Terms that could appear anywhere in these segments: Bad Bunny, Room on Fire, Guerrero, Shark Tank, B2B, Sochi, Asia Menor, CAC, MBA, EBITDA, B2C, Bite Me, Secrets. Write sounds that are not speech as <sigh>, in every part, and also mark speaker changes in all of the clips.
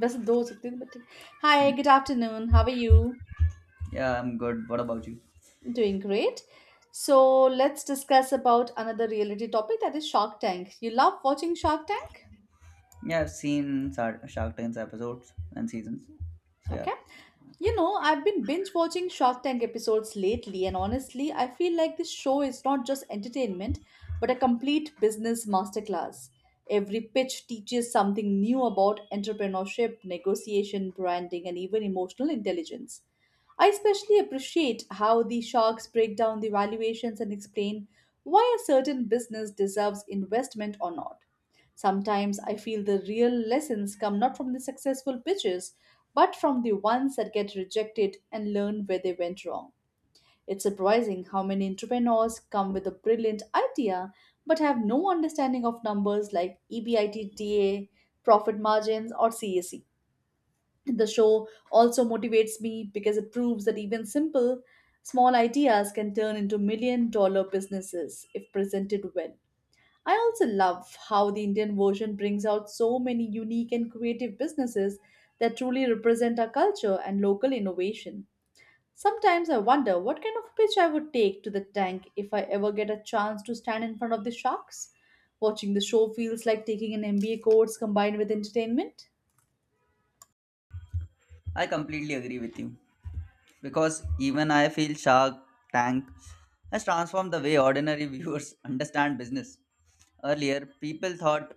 Speaker 1: Just do something, but Hi, good afternoon. How are you
Speaker 2: Yeah, I'm good. What about you?
Speaker 1: doing? Great. So let's discuss about another reality topic that is Shark Tank. You love watching Shark Tank,
Speaker 2: Yeah, I've seen Shark Tank's episodes and seasons. So yeah,
Speaker 1: okay? You know, I've been binge watching Shark Tank episodes lately, and honestly, I feel like this show is not just entertainment, but a complete business masterclass. Every pitch teaches something new about entrepreneurship, negotiation, branding, and even emotional intelligence. I especially appreciate how the sharks break down the valuations and explain why a certain business deserves investment or not. Sometimes I feel the real lessons come not from the successful pitches but from the ones that get rejected and learn where they went wrong. It's surprising how many entrepreneurs come with a brilliant idea but have no understanding of numbers like EBITDA, profit margins, or CAC. The show also motivates me because it proves that even simple, small ideas can turn into million-dollar businesses if presented well. I also love how the Indian version brings out so many unique and creative businesses that truly represent our culture and local innovation. Sometimes I wonder what kind of pitch I would take to the tank if I ever get a chance to stand in front of the sharks. Watching the show feels like taking an MBA course combined with entertainment.
Speaker 2: I completely agree with you because even I feel Shark Tank has transformed the way ordinary viewers <laughs> understand business. Earlier, people thought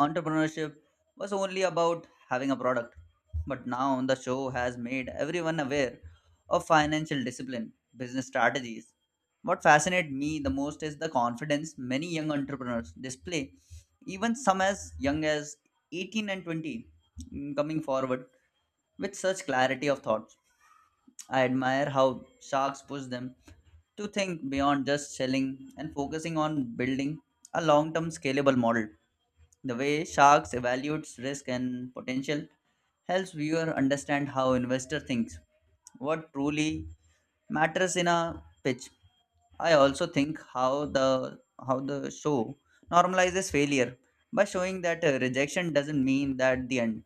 Speaker 2: entrepreneurship was only about having a product, but now the show has made everyone aware of financial discipline, business strategies. What fascinates me the most is the confidence many young entrepreneurs display, even some as young as 18 and 20 coming forward with such clarity of thought. I admire how sharks push them to think beyond just selling and focusing on building a long term scalable model. The way sharks evaluates risk and potential helps viewer understand how investor thinks, what truly matters in a pitch. I also think how the show normalizes failure by showing that rejection doesn't mean that the end.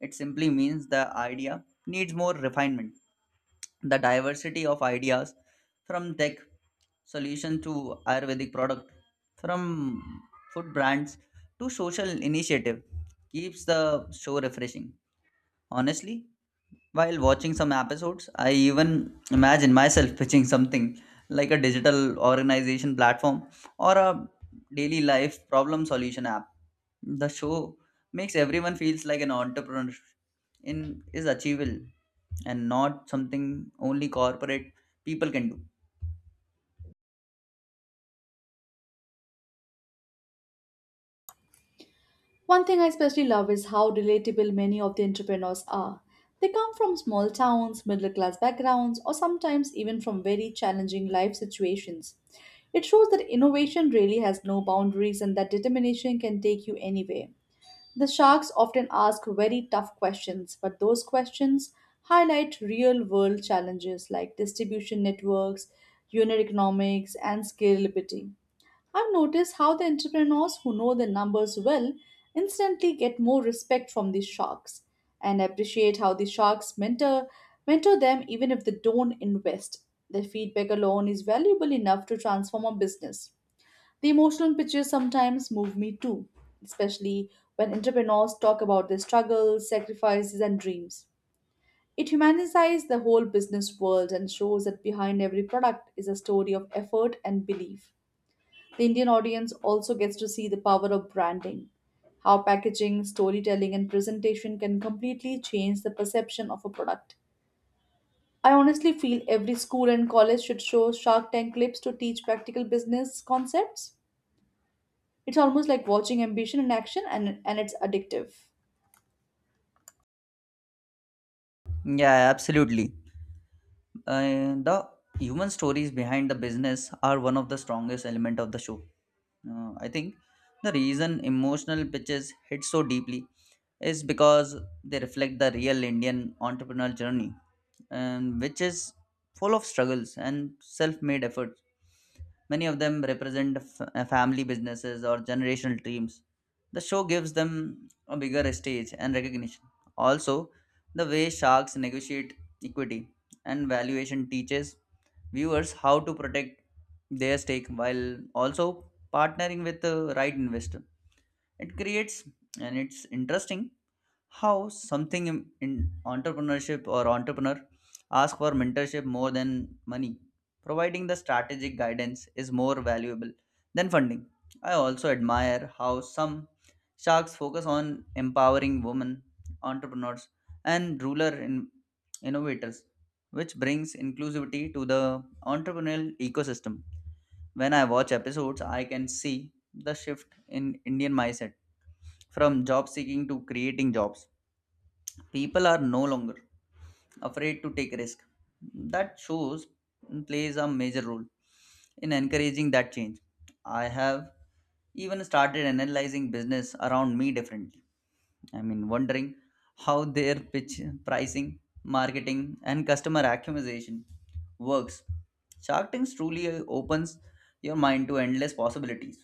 Speaker 2: It simply means the idea needs more refinement. The diversity of ideas, from tech solution to Ayurvedic product, from food brands to social initiative, keeps the show refreshing. Honestly, while watching some episodes, I even imagine myself pitching something like a digital organization platform or a daily life problem solution app. The show makes everyone feels like an entrepreneur in is achievable and not something only corporate people can do.
Speaker 1: One thing I especially love is how relatable many of the entrepreneurs are. They come from small towns, middle class backgrounds, or sometimes even from very challenging life situations. It shows that innovation really has no boundaries and that determination can take you anywhere. The sharks often ask very tough questions, but those questions highlight real world challenges like distribution networks, unit economics, and scalability. I've noticed how the entrepreneurs who know the numbers well instantly get more respect from the sharks and appreciate how the sharks mentor them even if they don't invest. Their feedback alone is valuable enough to transform a business. The emotional pictures sometimes move me too, especially when entrepreneurs talk about their struggles, sacrifices, and dreams. It humanizes the whole business world and shows that behind every product is a story of effort and belief. The Indian audience also gets to see the power of branding, how packaging, storytelling, and presentation can completely change the perception of a product. I honestly feel every school and college should show Shark Tank clips to teach practical business concepts. It's almost like watching ambition in action and it's addictive.
Speaker 2: Yeah, absolutely. The human stories behind the business are one of the strongest element of the show. I think the reason emotional pitches hit so deeply is because they reflect the real Indian entrepreneurial journey, and which is full of struggles and self-made efforts. Many of them represent family businesses or generational dreams. The show gives them a bigger stage and recognition. Also, the way sharks negotiate equity and valuation teaches viewers how to protect their stake while also partnering with the right investor. It creates, and it's interesting how something in entrepreneurship or entrepreneur ask for mentorship more than money, providing the strategic guidance is more valuable than funding. I also admire how some sharks focus on empowering women entrepreneurs and innovators, which brings inclusivity to the entrepreneurial ecosystem. When I watch episodes, I can see the shift in Indian mindset from job seeking to creating jobs. People are no longer afraid to take risk. That shows plays a major role in encouraging that change. I have even started analyzing business around me differently. I mean, wondering how their pitch, pricing, marketing, and customer acquisition works. Shark Tank truly opens your mind to endless possibilities.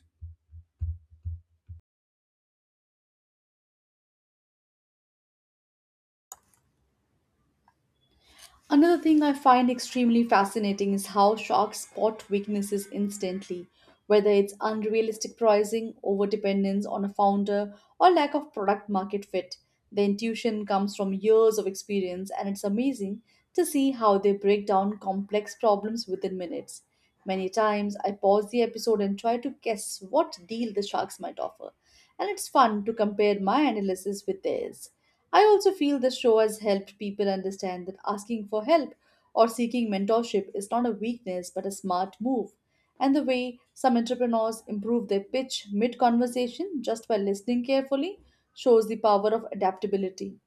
Speaker 1: Another thing I find extremely fascinating is how sharks spot weaknesses instantly, whether it's unrealistic pricing, overdependence on a founder, or lack of product market fit. The intuition comes from years of experience, and it's amazing to see how they break down complex problems within minutes. Many times, I pause the episode and try to guess what deal the sharks might offer, and it's fun to compare my analysis with theirs. I also feel this show has helped people understand that asking for help or seeking mentorship is not a weakness but a smart move. And the way some entrepreneurs improve their pitch mid conversation just by listening carefully shows the power of adaptability.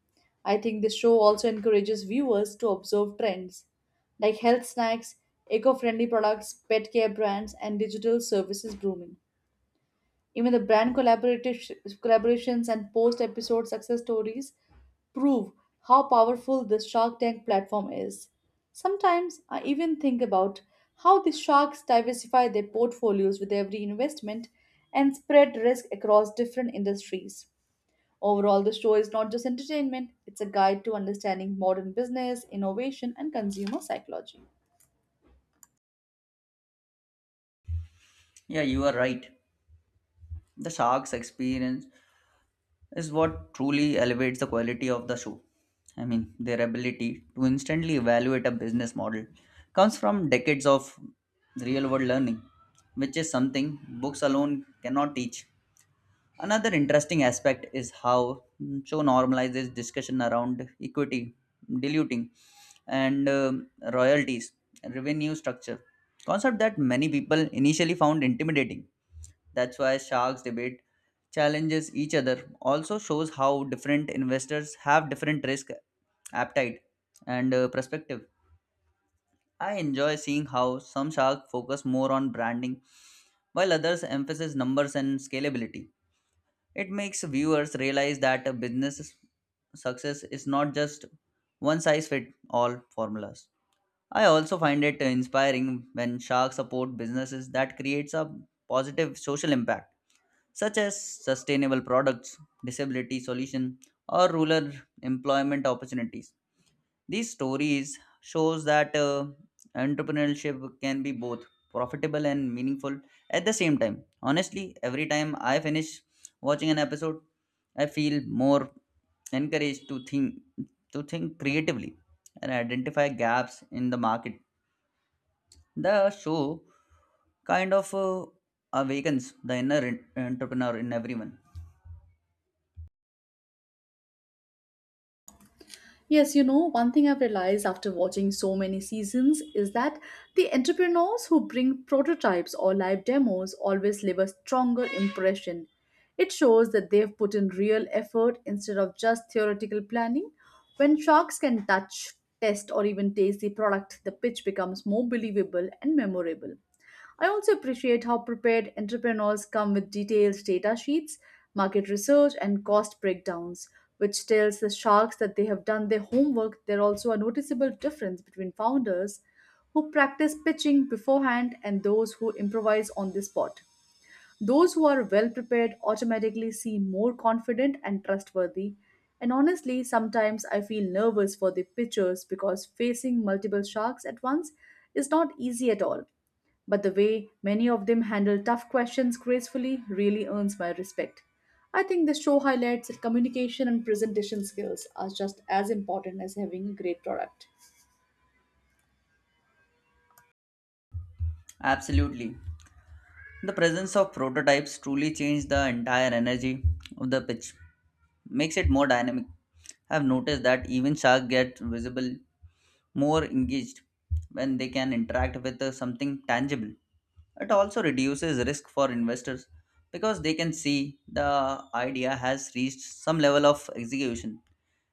Speaker 1: I think this show also encourages viewers to observe trends like health snacks, eco friendly products, pet care brands, and digital services booming. Even the brand collaborative collaborations and post-episode success stories prove how powerful this Shark Tank platform is. Sometimes I even think about how the sharks diversify their portfolios with every investment and spread risk across different industries. Overall, the show is not just entertainment, it's a guide to understanding modern business, innovation, and consumer psychology.
Speaker 2: Yeah, you are right. The sharks experience is what truly elevates the quality of the show. I mean, their ability to instantly evaluate a business model comes from decades of real world learning, which is something books alone cannot teach. Another interesting aspect is how show normalizes discussion around equity, diluting, and royalties, revenue structure, concept that many people initially found intimidating. That's why sharks debate challenges each other. Also shows how different investors have different risk appetite and perspective. I enjoy seeing how some sharks focus more on branding while others emphasize numbers and scalability. It makes viewers realize that a business success is not just one size fit all formulas. I also find it inspiring when sharks support businesses that creates a positive social impact, such as sustainable products, disability solution, or rural employment opportunities. These stories shows that entrepreneurship can be both profitable and meaningful at the same time. Honestly, every time I finish watching an episode, I feel more encouraged to think creatively and identify gaps in the market. The show kind of awakens the inner entrepreneur in everyone.
Speaker 1: Yes, you know, one thing I've realized after watching so many seasons is that the entrepreneurs who bring prototypes or live demos always leave a stronger impression. It shows that they've put in real effort instead of just theoretical planning. When sharks can touch, test, or even taste the product, the pitch becomes more believable and memorable. I also appreciate how prepared entrepreneurs come with detailed data sheets, market research, and cost breakdowns, which tells the sharks that they have done their homework. There also a noticeable difference between founders who practice pitching beforehand and those who improvise on the spot. Those who are well prepared automatically seem more confident and trustworthy. And honestly, sometimes I feel nervous for the pitchers because facing multiple sharks at once is not easy at all. But the way many of them handle tough questions gracefully really earns my respect. I think the show highlights that communication and presentation skills are just as important as having a great product.
Speaker 2: Absolutely. The presence of prototypes truly changed the entire energy of the pitch, makes it more dynamic. I've noticed that even sharks get visible more engaged when they can interact with something tangible. It also reduces risk for investors because they can see the idea has reached some level of execution.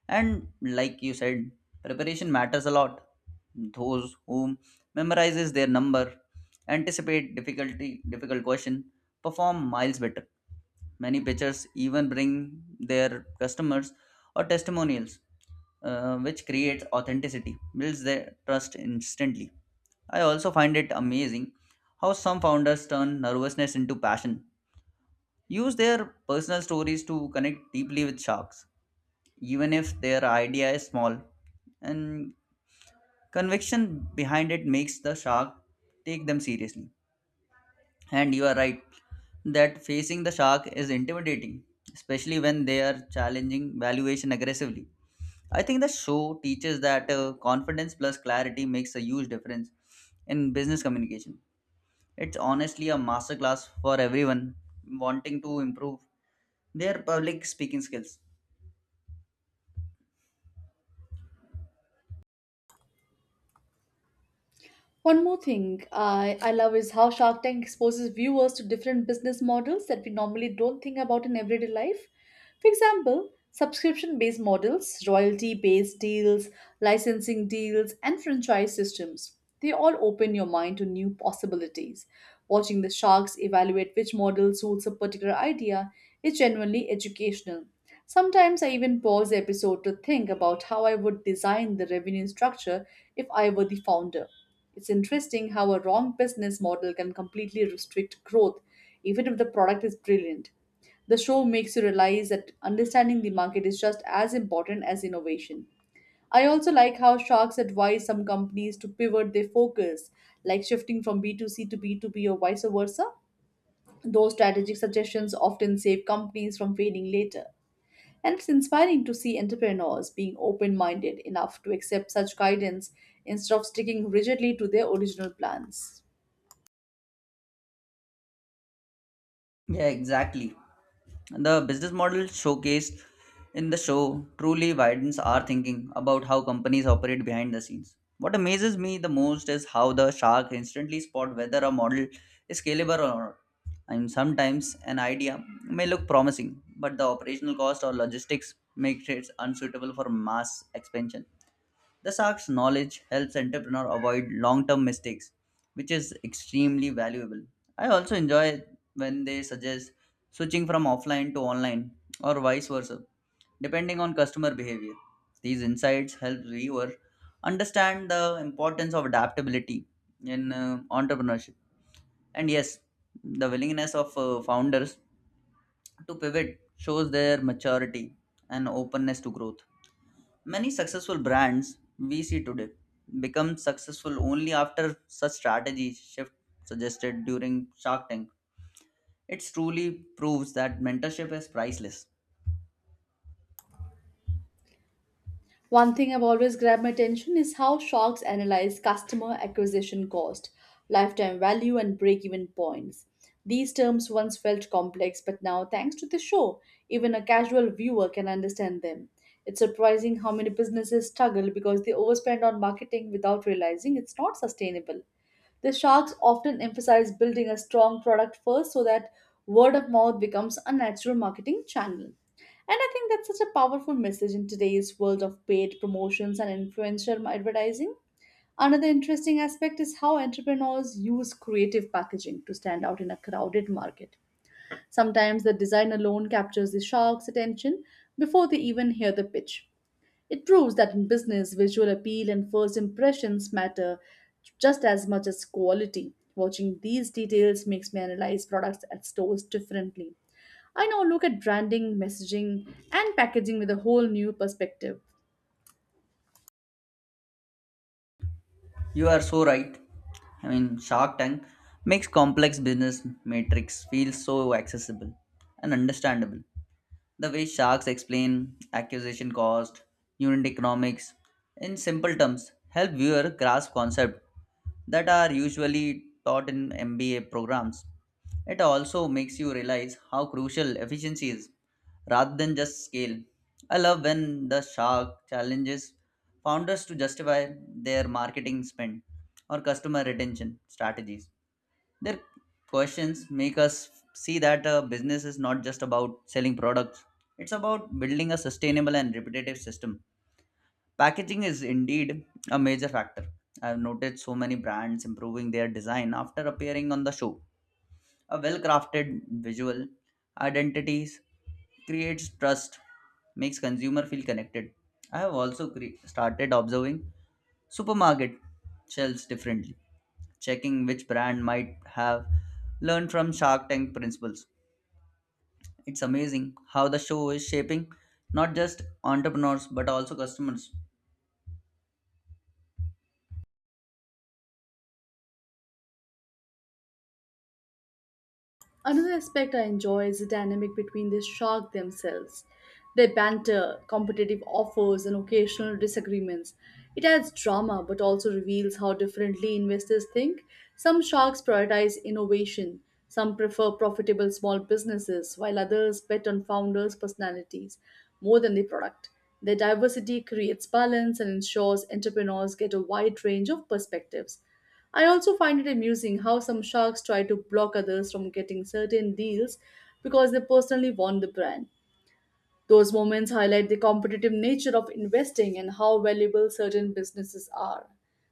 Speaker 2: And like you said, preparation matters a lot. Those who memorizes their number, anticipate difficult question, perform miles better. Many pitchers even bring their customers or testimonials, which creates authenticity, builds their trust instantly. I also find it amazing how some founders turn nervousness into passion, use their personal stories to connect deeply with sharks, even if their idea is small, and conviction behind it makes the shark take them seriously. And you are right that facing the shark is intimidating, especially when they are challenging valuation aggressively. I think the show teaches that confidence plus clarity makes a huge difference in business communication. It's honestly a masterclass for everyone wanting to improve their public speaking skills.
Speaker 1: One more thing I love is how Shark Tank exposes viewers to different business models that we normally don't think about in everyday life. For example, subscription based models, royalty based deals, licensing deals, and franchise systems. They all open your mind to new possibilities. Watching the sharks evaluate which model suits a particular idea is genuinely educational. Sometimes I even pause the episode to think about how I would design the revenue structure if I were the founder. It's interesting how a wrong business model can completely restrict growth, even if the product is brilliant. The show makes you realize that understanding the market is just as important as innovation. I also like how sharks advise some companies to pivot their focus, like shifting from B2C to B2B or vice versa. Those strategic suggestions often save companies from failing later. And it's inspiring to see entrepreneurs being open minded enough to accept such guidance instead of sticking rigidly to their original plans.
Speaker 2: Yeah, exactly. The business model showcased in the show truly widens our thinking about how companies operate behind the scenes. What amazes me the most is how the shark instantly spot whether a model is scalable or not. And sometimes an idea may look promising, but the operational cost or logistics makes it unsuitable for mass expansion. The Sharks' knowledge helps entrepreneur avoid long-term mistakes, which is extremely valuable. I also enjoy when they suggest switching from offline to online or vice versa, depending on customer behavior. These insights help viewer understand the importance of adaptability in entrepreneurship. And yes, the willingness of founders to pivot shows their maturity and openness to growth. Many successful brands we see today become successful only after such strategy shift suggested during Shark Tank. It truly proves that mentorship is priceless.
Speaker 1: One thing I've always grabbed my attention is how sharks analyze customer acquisition cost, lifetime value, and break even points. These terms once felt complex, but now, thanks to the show, even a casual viewer can understand them. It's surprising how many businesses struggle because they overspend on marketing without realizing it's not sustainable. The sharks often emphasize building a strong product first so that word of mouth becomes a natural marketing channel. And I think that's such a powerful message in today's world of paid promotions and influencer advertising. Another interesting aspect is how entrepreneurs use creative packaging to stand out in a crowded market. Sometimes the design alone captures the shark's attention before they even hear the pitch. It proves that in business, visual appeal and first impressions matter just as much as quality. Watching these details makes me analyze products at stores differently. I now look at branding, messaging, and packaging with a whole new perspective.
Speaker 2: You are so right. I mean, Shark Tank makes complex business matrix feel so accessible and understandable. The way sharks explain acquisition cost, unit economics, in simple terms, help viewer grasp concepts that are usually taught in MBA programs. It also makes you realize how crucial efficiency is rather than just scale. I love when the shark challenges founders to justify their marketing spend or customer retention strategies. Their questions make us see that a business is not just about selling products, it's about building a sustainable and repetitive system. Packaging is indeed a major factor. I've noticed so many brands improving their design after appearing on the show. A well crafted visual identities creates trust, makes consumer feel connected. I have also started observing supermarket shelves differently, checking which brand might have learned from Shark Tank principles. It's amazing how the show is shaping not just entrepreneurs but also customers.
Speaker 1: Another aspect I enjoy is the dynamic between the shark themselves. Their banter, competitive offers, and occasional disagreements. It adds drama but also reveals how differently investors think. Some sharks prioritize innovation, some prefer profitable small businesses, while others bet on founders' personalities more than the product. Their diversity creates balance and ensures entrepreneurs get a wide range of perspectives. I also find it amusing how some sharks try to block others from getting certain deals because they personally want the brand. Those moments highlight the competitive nature of investing and how valuable certain businesses are.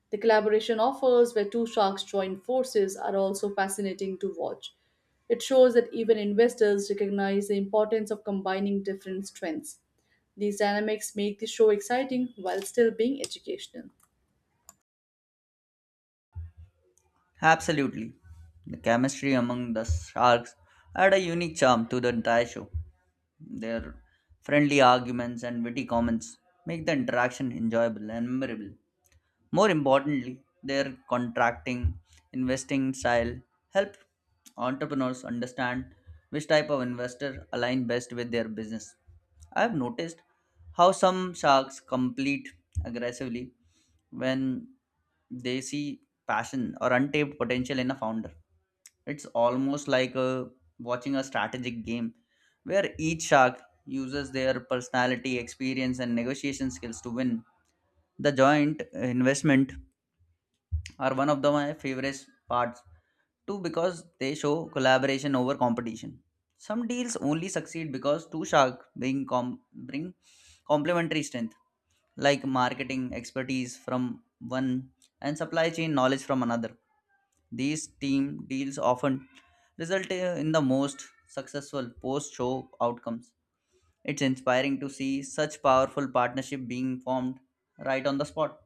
Speaker 1: The collaboration offers where two sharks join forces are also fascinating to watch. It shows that even investors recognize the importance of combining different strengths. These dynamics make the show exciting while still being educational.
Speaker 2: Absolutely. The chemistry among the sharks add a unique charm to the entire show. Their friendly arguments and witty comments make the interaction enjoyable and memorable. More importantly, their contracting investing style help entrepreneurs understand which type of investor align best with their business. I have noticed how some sharks compete aggressively when they see passion or untapped potential in a founder. It's almost like watching a strategic game where each shark uses their personality, experience, and negotiation skills to win. The joint investment are one of the my favorite parts too, because they show collaboration over competition. Some deals only succeed because two sharks bring complementary strength, like marketing expertise from one and supply chain knowledge from another. These team deals often result in the most successful post show outcomes. It's inspiring to see such powerful partnership being formed right on the spot.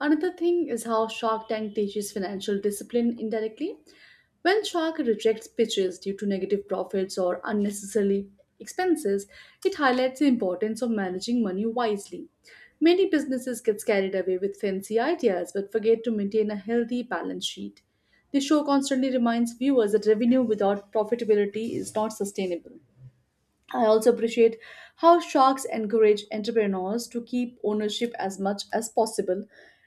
Speaker 1: Another thing is how Shark Tank teaches financial discipline indirectly. When Shark rejects pitches due to negative profits or unnecessary expenses, it highlights the importance of managing money wisely. Many businesses get carried away with fancy ideas but forget to maintain a healthy balance sheet. The show constantly reminds viewers that revenue without profitability is not sustainable. I also appreciate how sharks encourage entrepreneurs to keep ownership as much as possible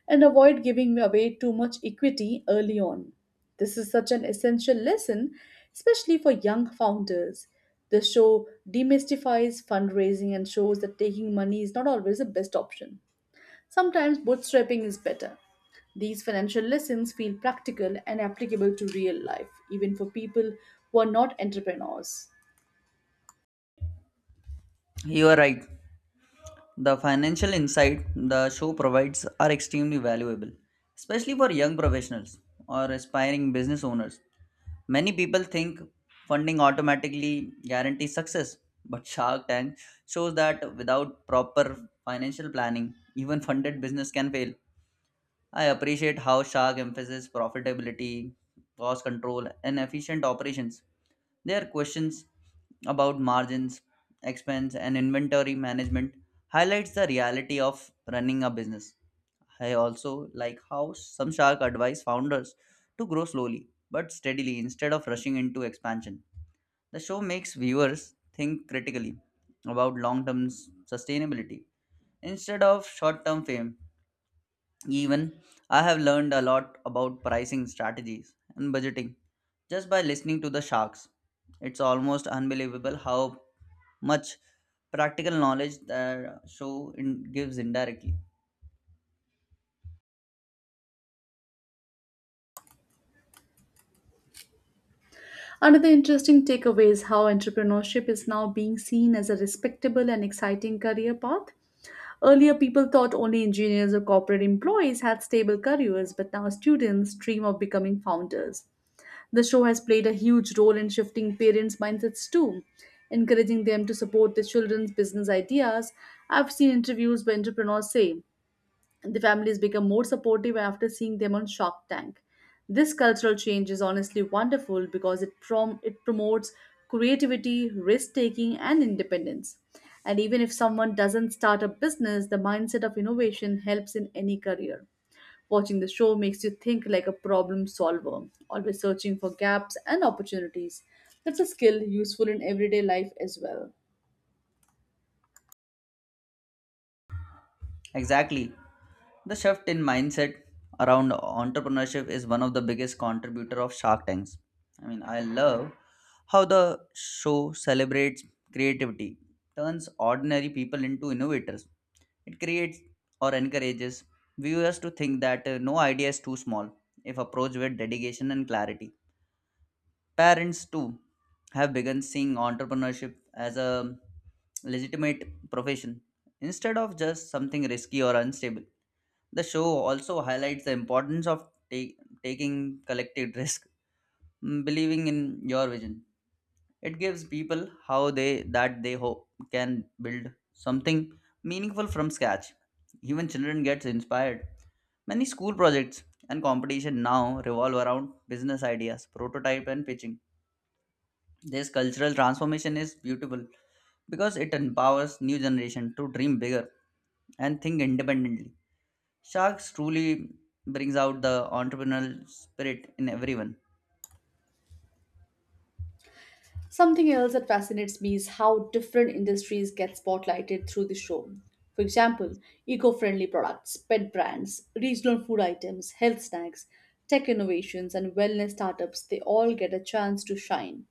Speaker 1: and avoid giving away too much equity early on. This is such an essential lesson, especially for young founders. The show demystifies fundraising and shows that taking money is not always the best option. Sometimes bootstrapping is better. These financial lessons feel practical and applicable to real life, even for people who are not entrepreneurs.
Speaker 2: You are right. The financial insight the show provides are extremely valuable, especially for young professionals or aspiring business owners. Many people think funding automatically guarantees success, but Shark Tank shows that without proper financial planning, even funded business can fail. I appreciate how Shark emphasizes profitability, cost control, and efficient operations. There are questions about margins, expense, and inventory management highlights the reality of running a business. I also like how some shark advise founders to grow slowly but steadily instead of rushing into expansion. The show makes viewers think critically about long-term sustainability instead of short-term fame. Even I have learned a lot about pricing strategies and budgeting just by listening to the sharks. It's almost unbelievable how much practical knowledge the show in, gives indirectly.
Speaker 1: Another interesting takeaway is how entrepreneurship is now being seen as a respectable and exciting career path. Earlier, people thought only engineers or corporate employees had stable careers, but now students dream of becoming founders. The show has played a huge role in shifting parents' mindsets too, encouraging them to support their children's business ideas. I've seen interviews where entrepreneurs say, the families become more supportive after seeing them on Shark Tank. This cultural change is honestly wonderful because it promotes creativity, risk taking, and independence. And even if someone doesn't start a business, the mindset of innovation helps in any career. Watching the show makes you think like a problem solver, always searching for gaps and opportunities. That's a skill useful in everyday life as well.
Speaker 2: Exactly. The shift in mindset around entrepreneurship is one of the biggest contributor of Shark Tanks. I mean, I love how the show celebrates creativity, turns ordinary people into innovators. It creates or encourages viewers to think that no idea is too small if approached with dedication and clarity. Parents, too, have begun seeing entrepreneurship as a legitimate profession instead of just something risky or unstable. The show also highlights the importance of taking collective risk, believing in your vision. It gives people how they that they hope can build something meaningful from scratch. Even children gets inspired. Many school projects and competition now revolve around business ideas prototype and pitching. This cultural transformation is beautiful because it empowers new generation to dream bigger and think independently. Sharks truly brings out the entrepreneurial spirit in everyone.
Speaker 1: Something else that fascinates me is how different industries get spotlighted through the show. For example, eco friendly products, pet brands, regional food items, health snacks, tech innovations, and wellness startups they all get a chance to shine.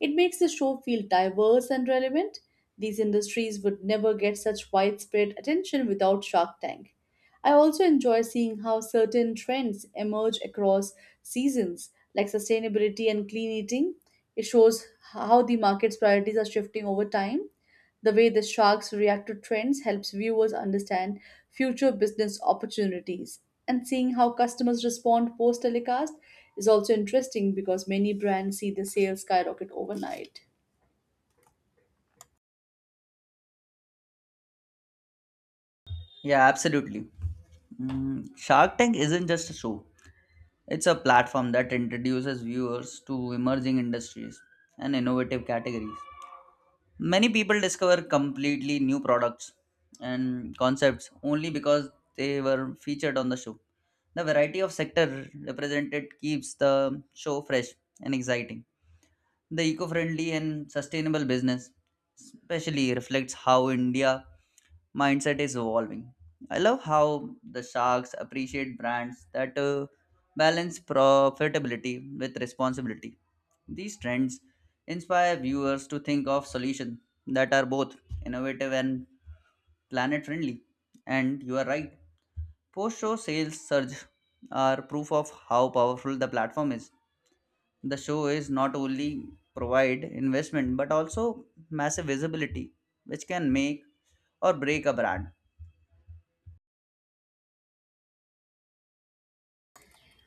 Speaker 1: It makes the show feel diverse and relevant. These industries would never get such widespread attention without Shark Tank. I also enjoy seeing how certain trends emerge across seasons, like sustainability and clean eating. It shows how the market's priorities are shifting over time. The way the sharks react to trends helps viewers understand future business opportunities. And seeing how customers respond post telecast is also interesting because many brands see the sales skyrocket overnight.
Speaker 2: Yeah, absolutely. Shark Tank isn't just a show, it's a platform that introduces viewers to emerging industries and innovative categories. Many people discover completely new products and concepts only because they were featured on the show. The variety of sector represented keeps the show fresh and exciting. The eco friendly and sustainable business, especially, reflects how India mindset is evolving. I love how the sharks appreciate brands that balance profitability with responsibility. These trends inspire viewers to think of solutions that are both innovative and planet friendly. And you are right, post show sales surge are proof of how powerful the platform is. The show is not only provide investment but also massive visibility, which can make or break a brand.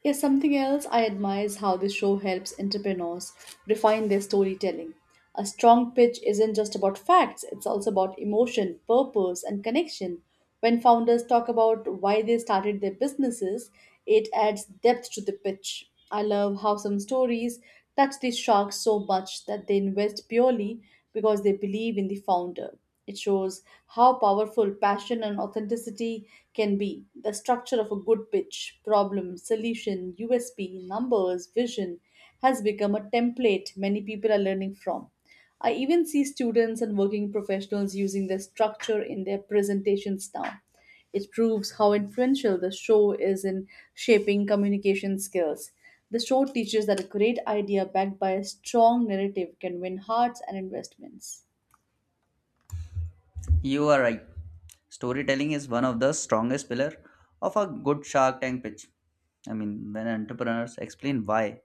Speaker 1: Yes, something else I admire is how this show helps entrepreneurs refine their storytelling. A strong pitch isn't just about facts, it's also about emotion, purpose, and connection. When founders talk about why they started their businesses, it adds depth to the pitch. I love how some stories touch the sharks so much that they invest purely because they believe in the founder. It shows how powerful passion and authenticity can be. The structure of a good pitch, problem, solution, USP, numbers, vision has become a template many people are learning from. I even see students and working professionals using this structure in their presentations now. It proves how influential the show is in shaping communication skills. The show teaches that a great idea backed by a strong narrative can win hearts and investments.
Speaker 2: You are right. Storytelling is one of the strongest pillar of a good Shark Tank pitch. I mean, when entrepreneurs explain why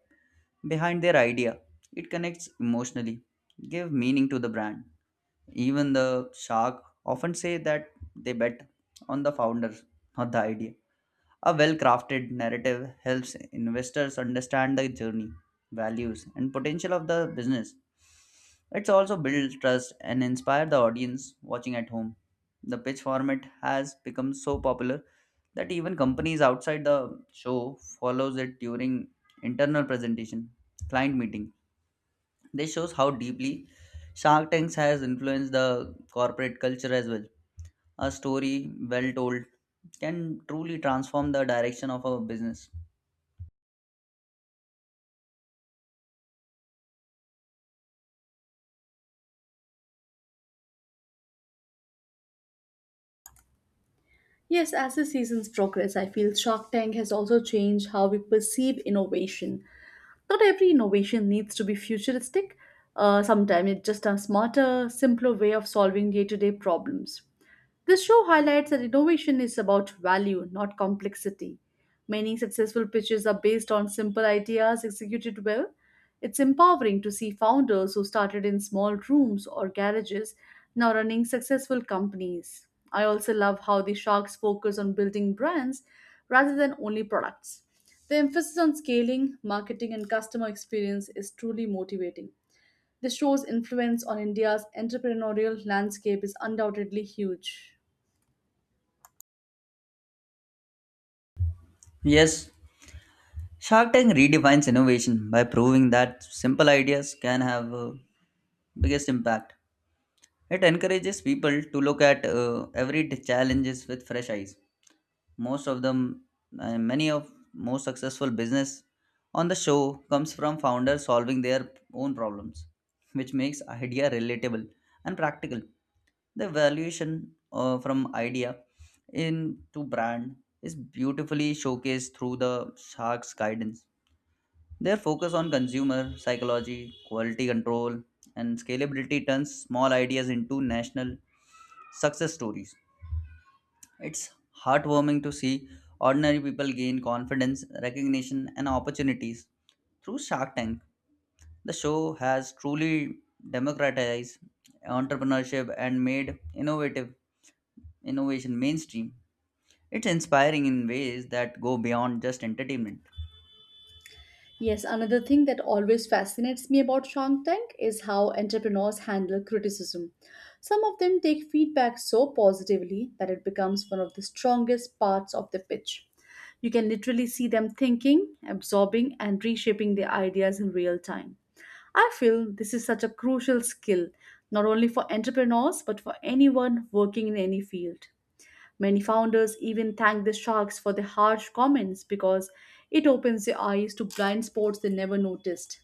Speaker 2: behind their idea, it connects emotionally, give meaning to the brand. Even the shark often say that they bet on the founder, not the idea. A well crafted narrative helps investors understand the journey, values, and potential of the business. It's also build trust and inspire the audience watching at home. The pitch format has become so popular that even companies outside the show follows it during internal presentation, client meeting. This shows how deeply Shark Tanks has influenced the corporate culture as well. A story well told can truly transform the direction of our business.
Speaker 1: Yes, as the seasons progress, I feel Shark Tank has also changed how we perceive innovation. Not every innovation needs to be futuristic. Sometimes it's just a smarter, simpler way of solving day to day problems. The show highlights that innovation is about value, not complexity. Many successful pitches are based on simple ideas executed well. It's empowering to see founders who started in small rooms or garages now running successful companies. I also love how the sharks focus on building brands rather than only products. The emphasis on scaling, marketing, and customer experience is truly motivating. The show's influence on India's entrepreneurial landscape is undoubtedly huge.
Speaker 2: Yes, Shark Tank redefines innovation by proving that simple ideas can have biggest impact. It encourages people to look at every challenges with fresh eyes. Most of them, Many of most successful business on the show comes from founders solving their own problems, which makes idea relatable and practical. The valuation from idea into brand is beautifully showcased through the Shark's guidance. Their focus on consumer psychology, quality control, and scalability turns small ideas into national success stories. It's heartwarming to see ordinary people gain confidence, recognition, and opportunities through Shark Tank. The show has truly democratized entrepreneurship and made innovative innovation mainstream. It's inspiring in ways that go beyond just entertainment.
Speaker 1: Yes, another thing that always fascinates me about Shark Tank is how entrepreneurs handle criticism. Some of them take feedback so positively that it becomes one of the strongest parts of the pitch. You can literally see them thinking, absorbing, and reshaping their ideas in real time. I feel this is such a crucial skill, not only for entrepreneurs, but for anyone working in any field. Many founders even thank the sharks for their harsh comments because it opens their eyes to blind spots they never noticed.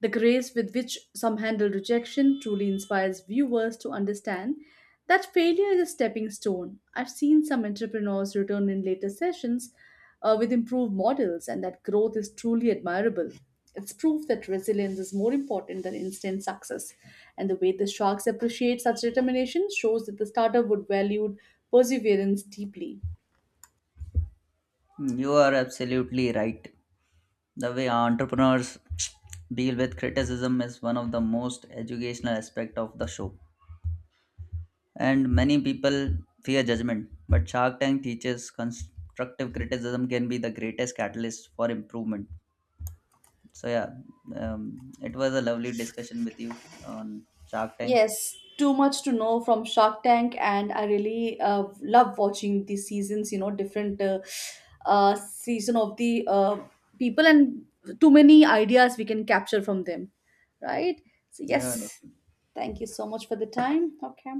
Speaker 1: The grace with which some handle rejection truly inspires viewers to understand that failure is a stepping stone. I've seen some entrepreneurs return in later sessions with improved models, and that growth is truly admirable. It's proof that resilience is more important than instant success. And the way the sharks appreciate such determination shows that the startup would valued perseverance deeply.
Speaker 2: You are absolutely right. The way entrepreneurs <tsk> deal with criticism is one of the most educational aspect of the show. And many people fear judgment, but Shark Tank teaches constructive criticism can be the greatest catalyst for improvement. So yeah, it was a lovely discussion with you on Shark Tank.
Speaker 1: Yes, too much to know from Shark Tank, and I really love watching the seasons. You know, different season of the people, and too many ideas we can capture from them, right? So
Speaker 2: Yeah,
Speaker 1: yes,
Speaker 2: definitely.
Speaker 1: thank you so much for the time. Okay.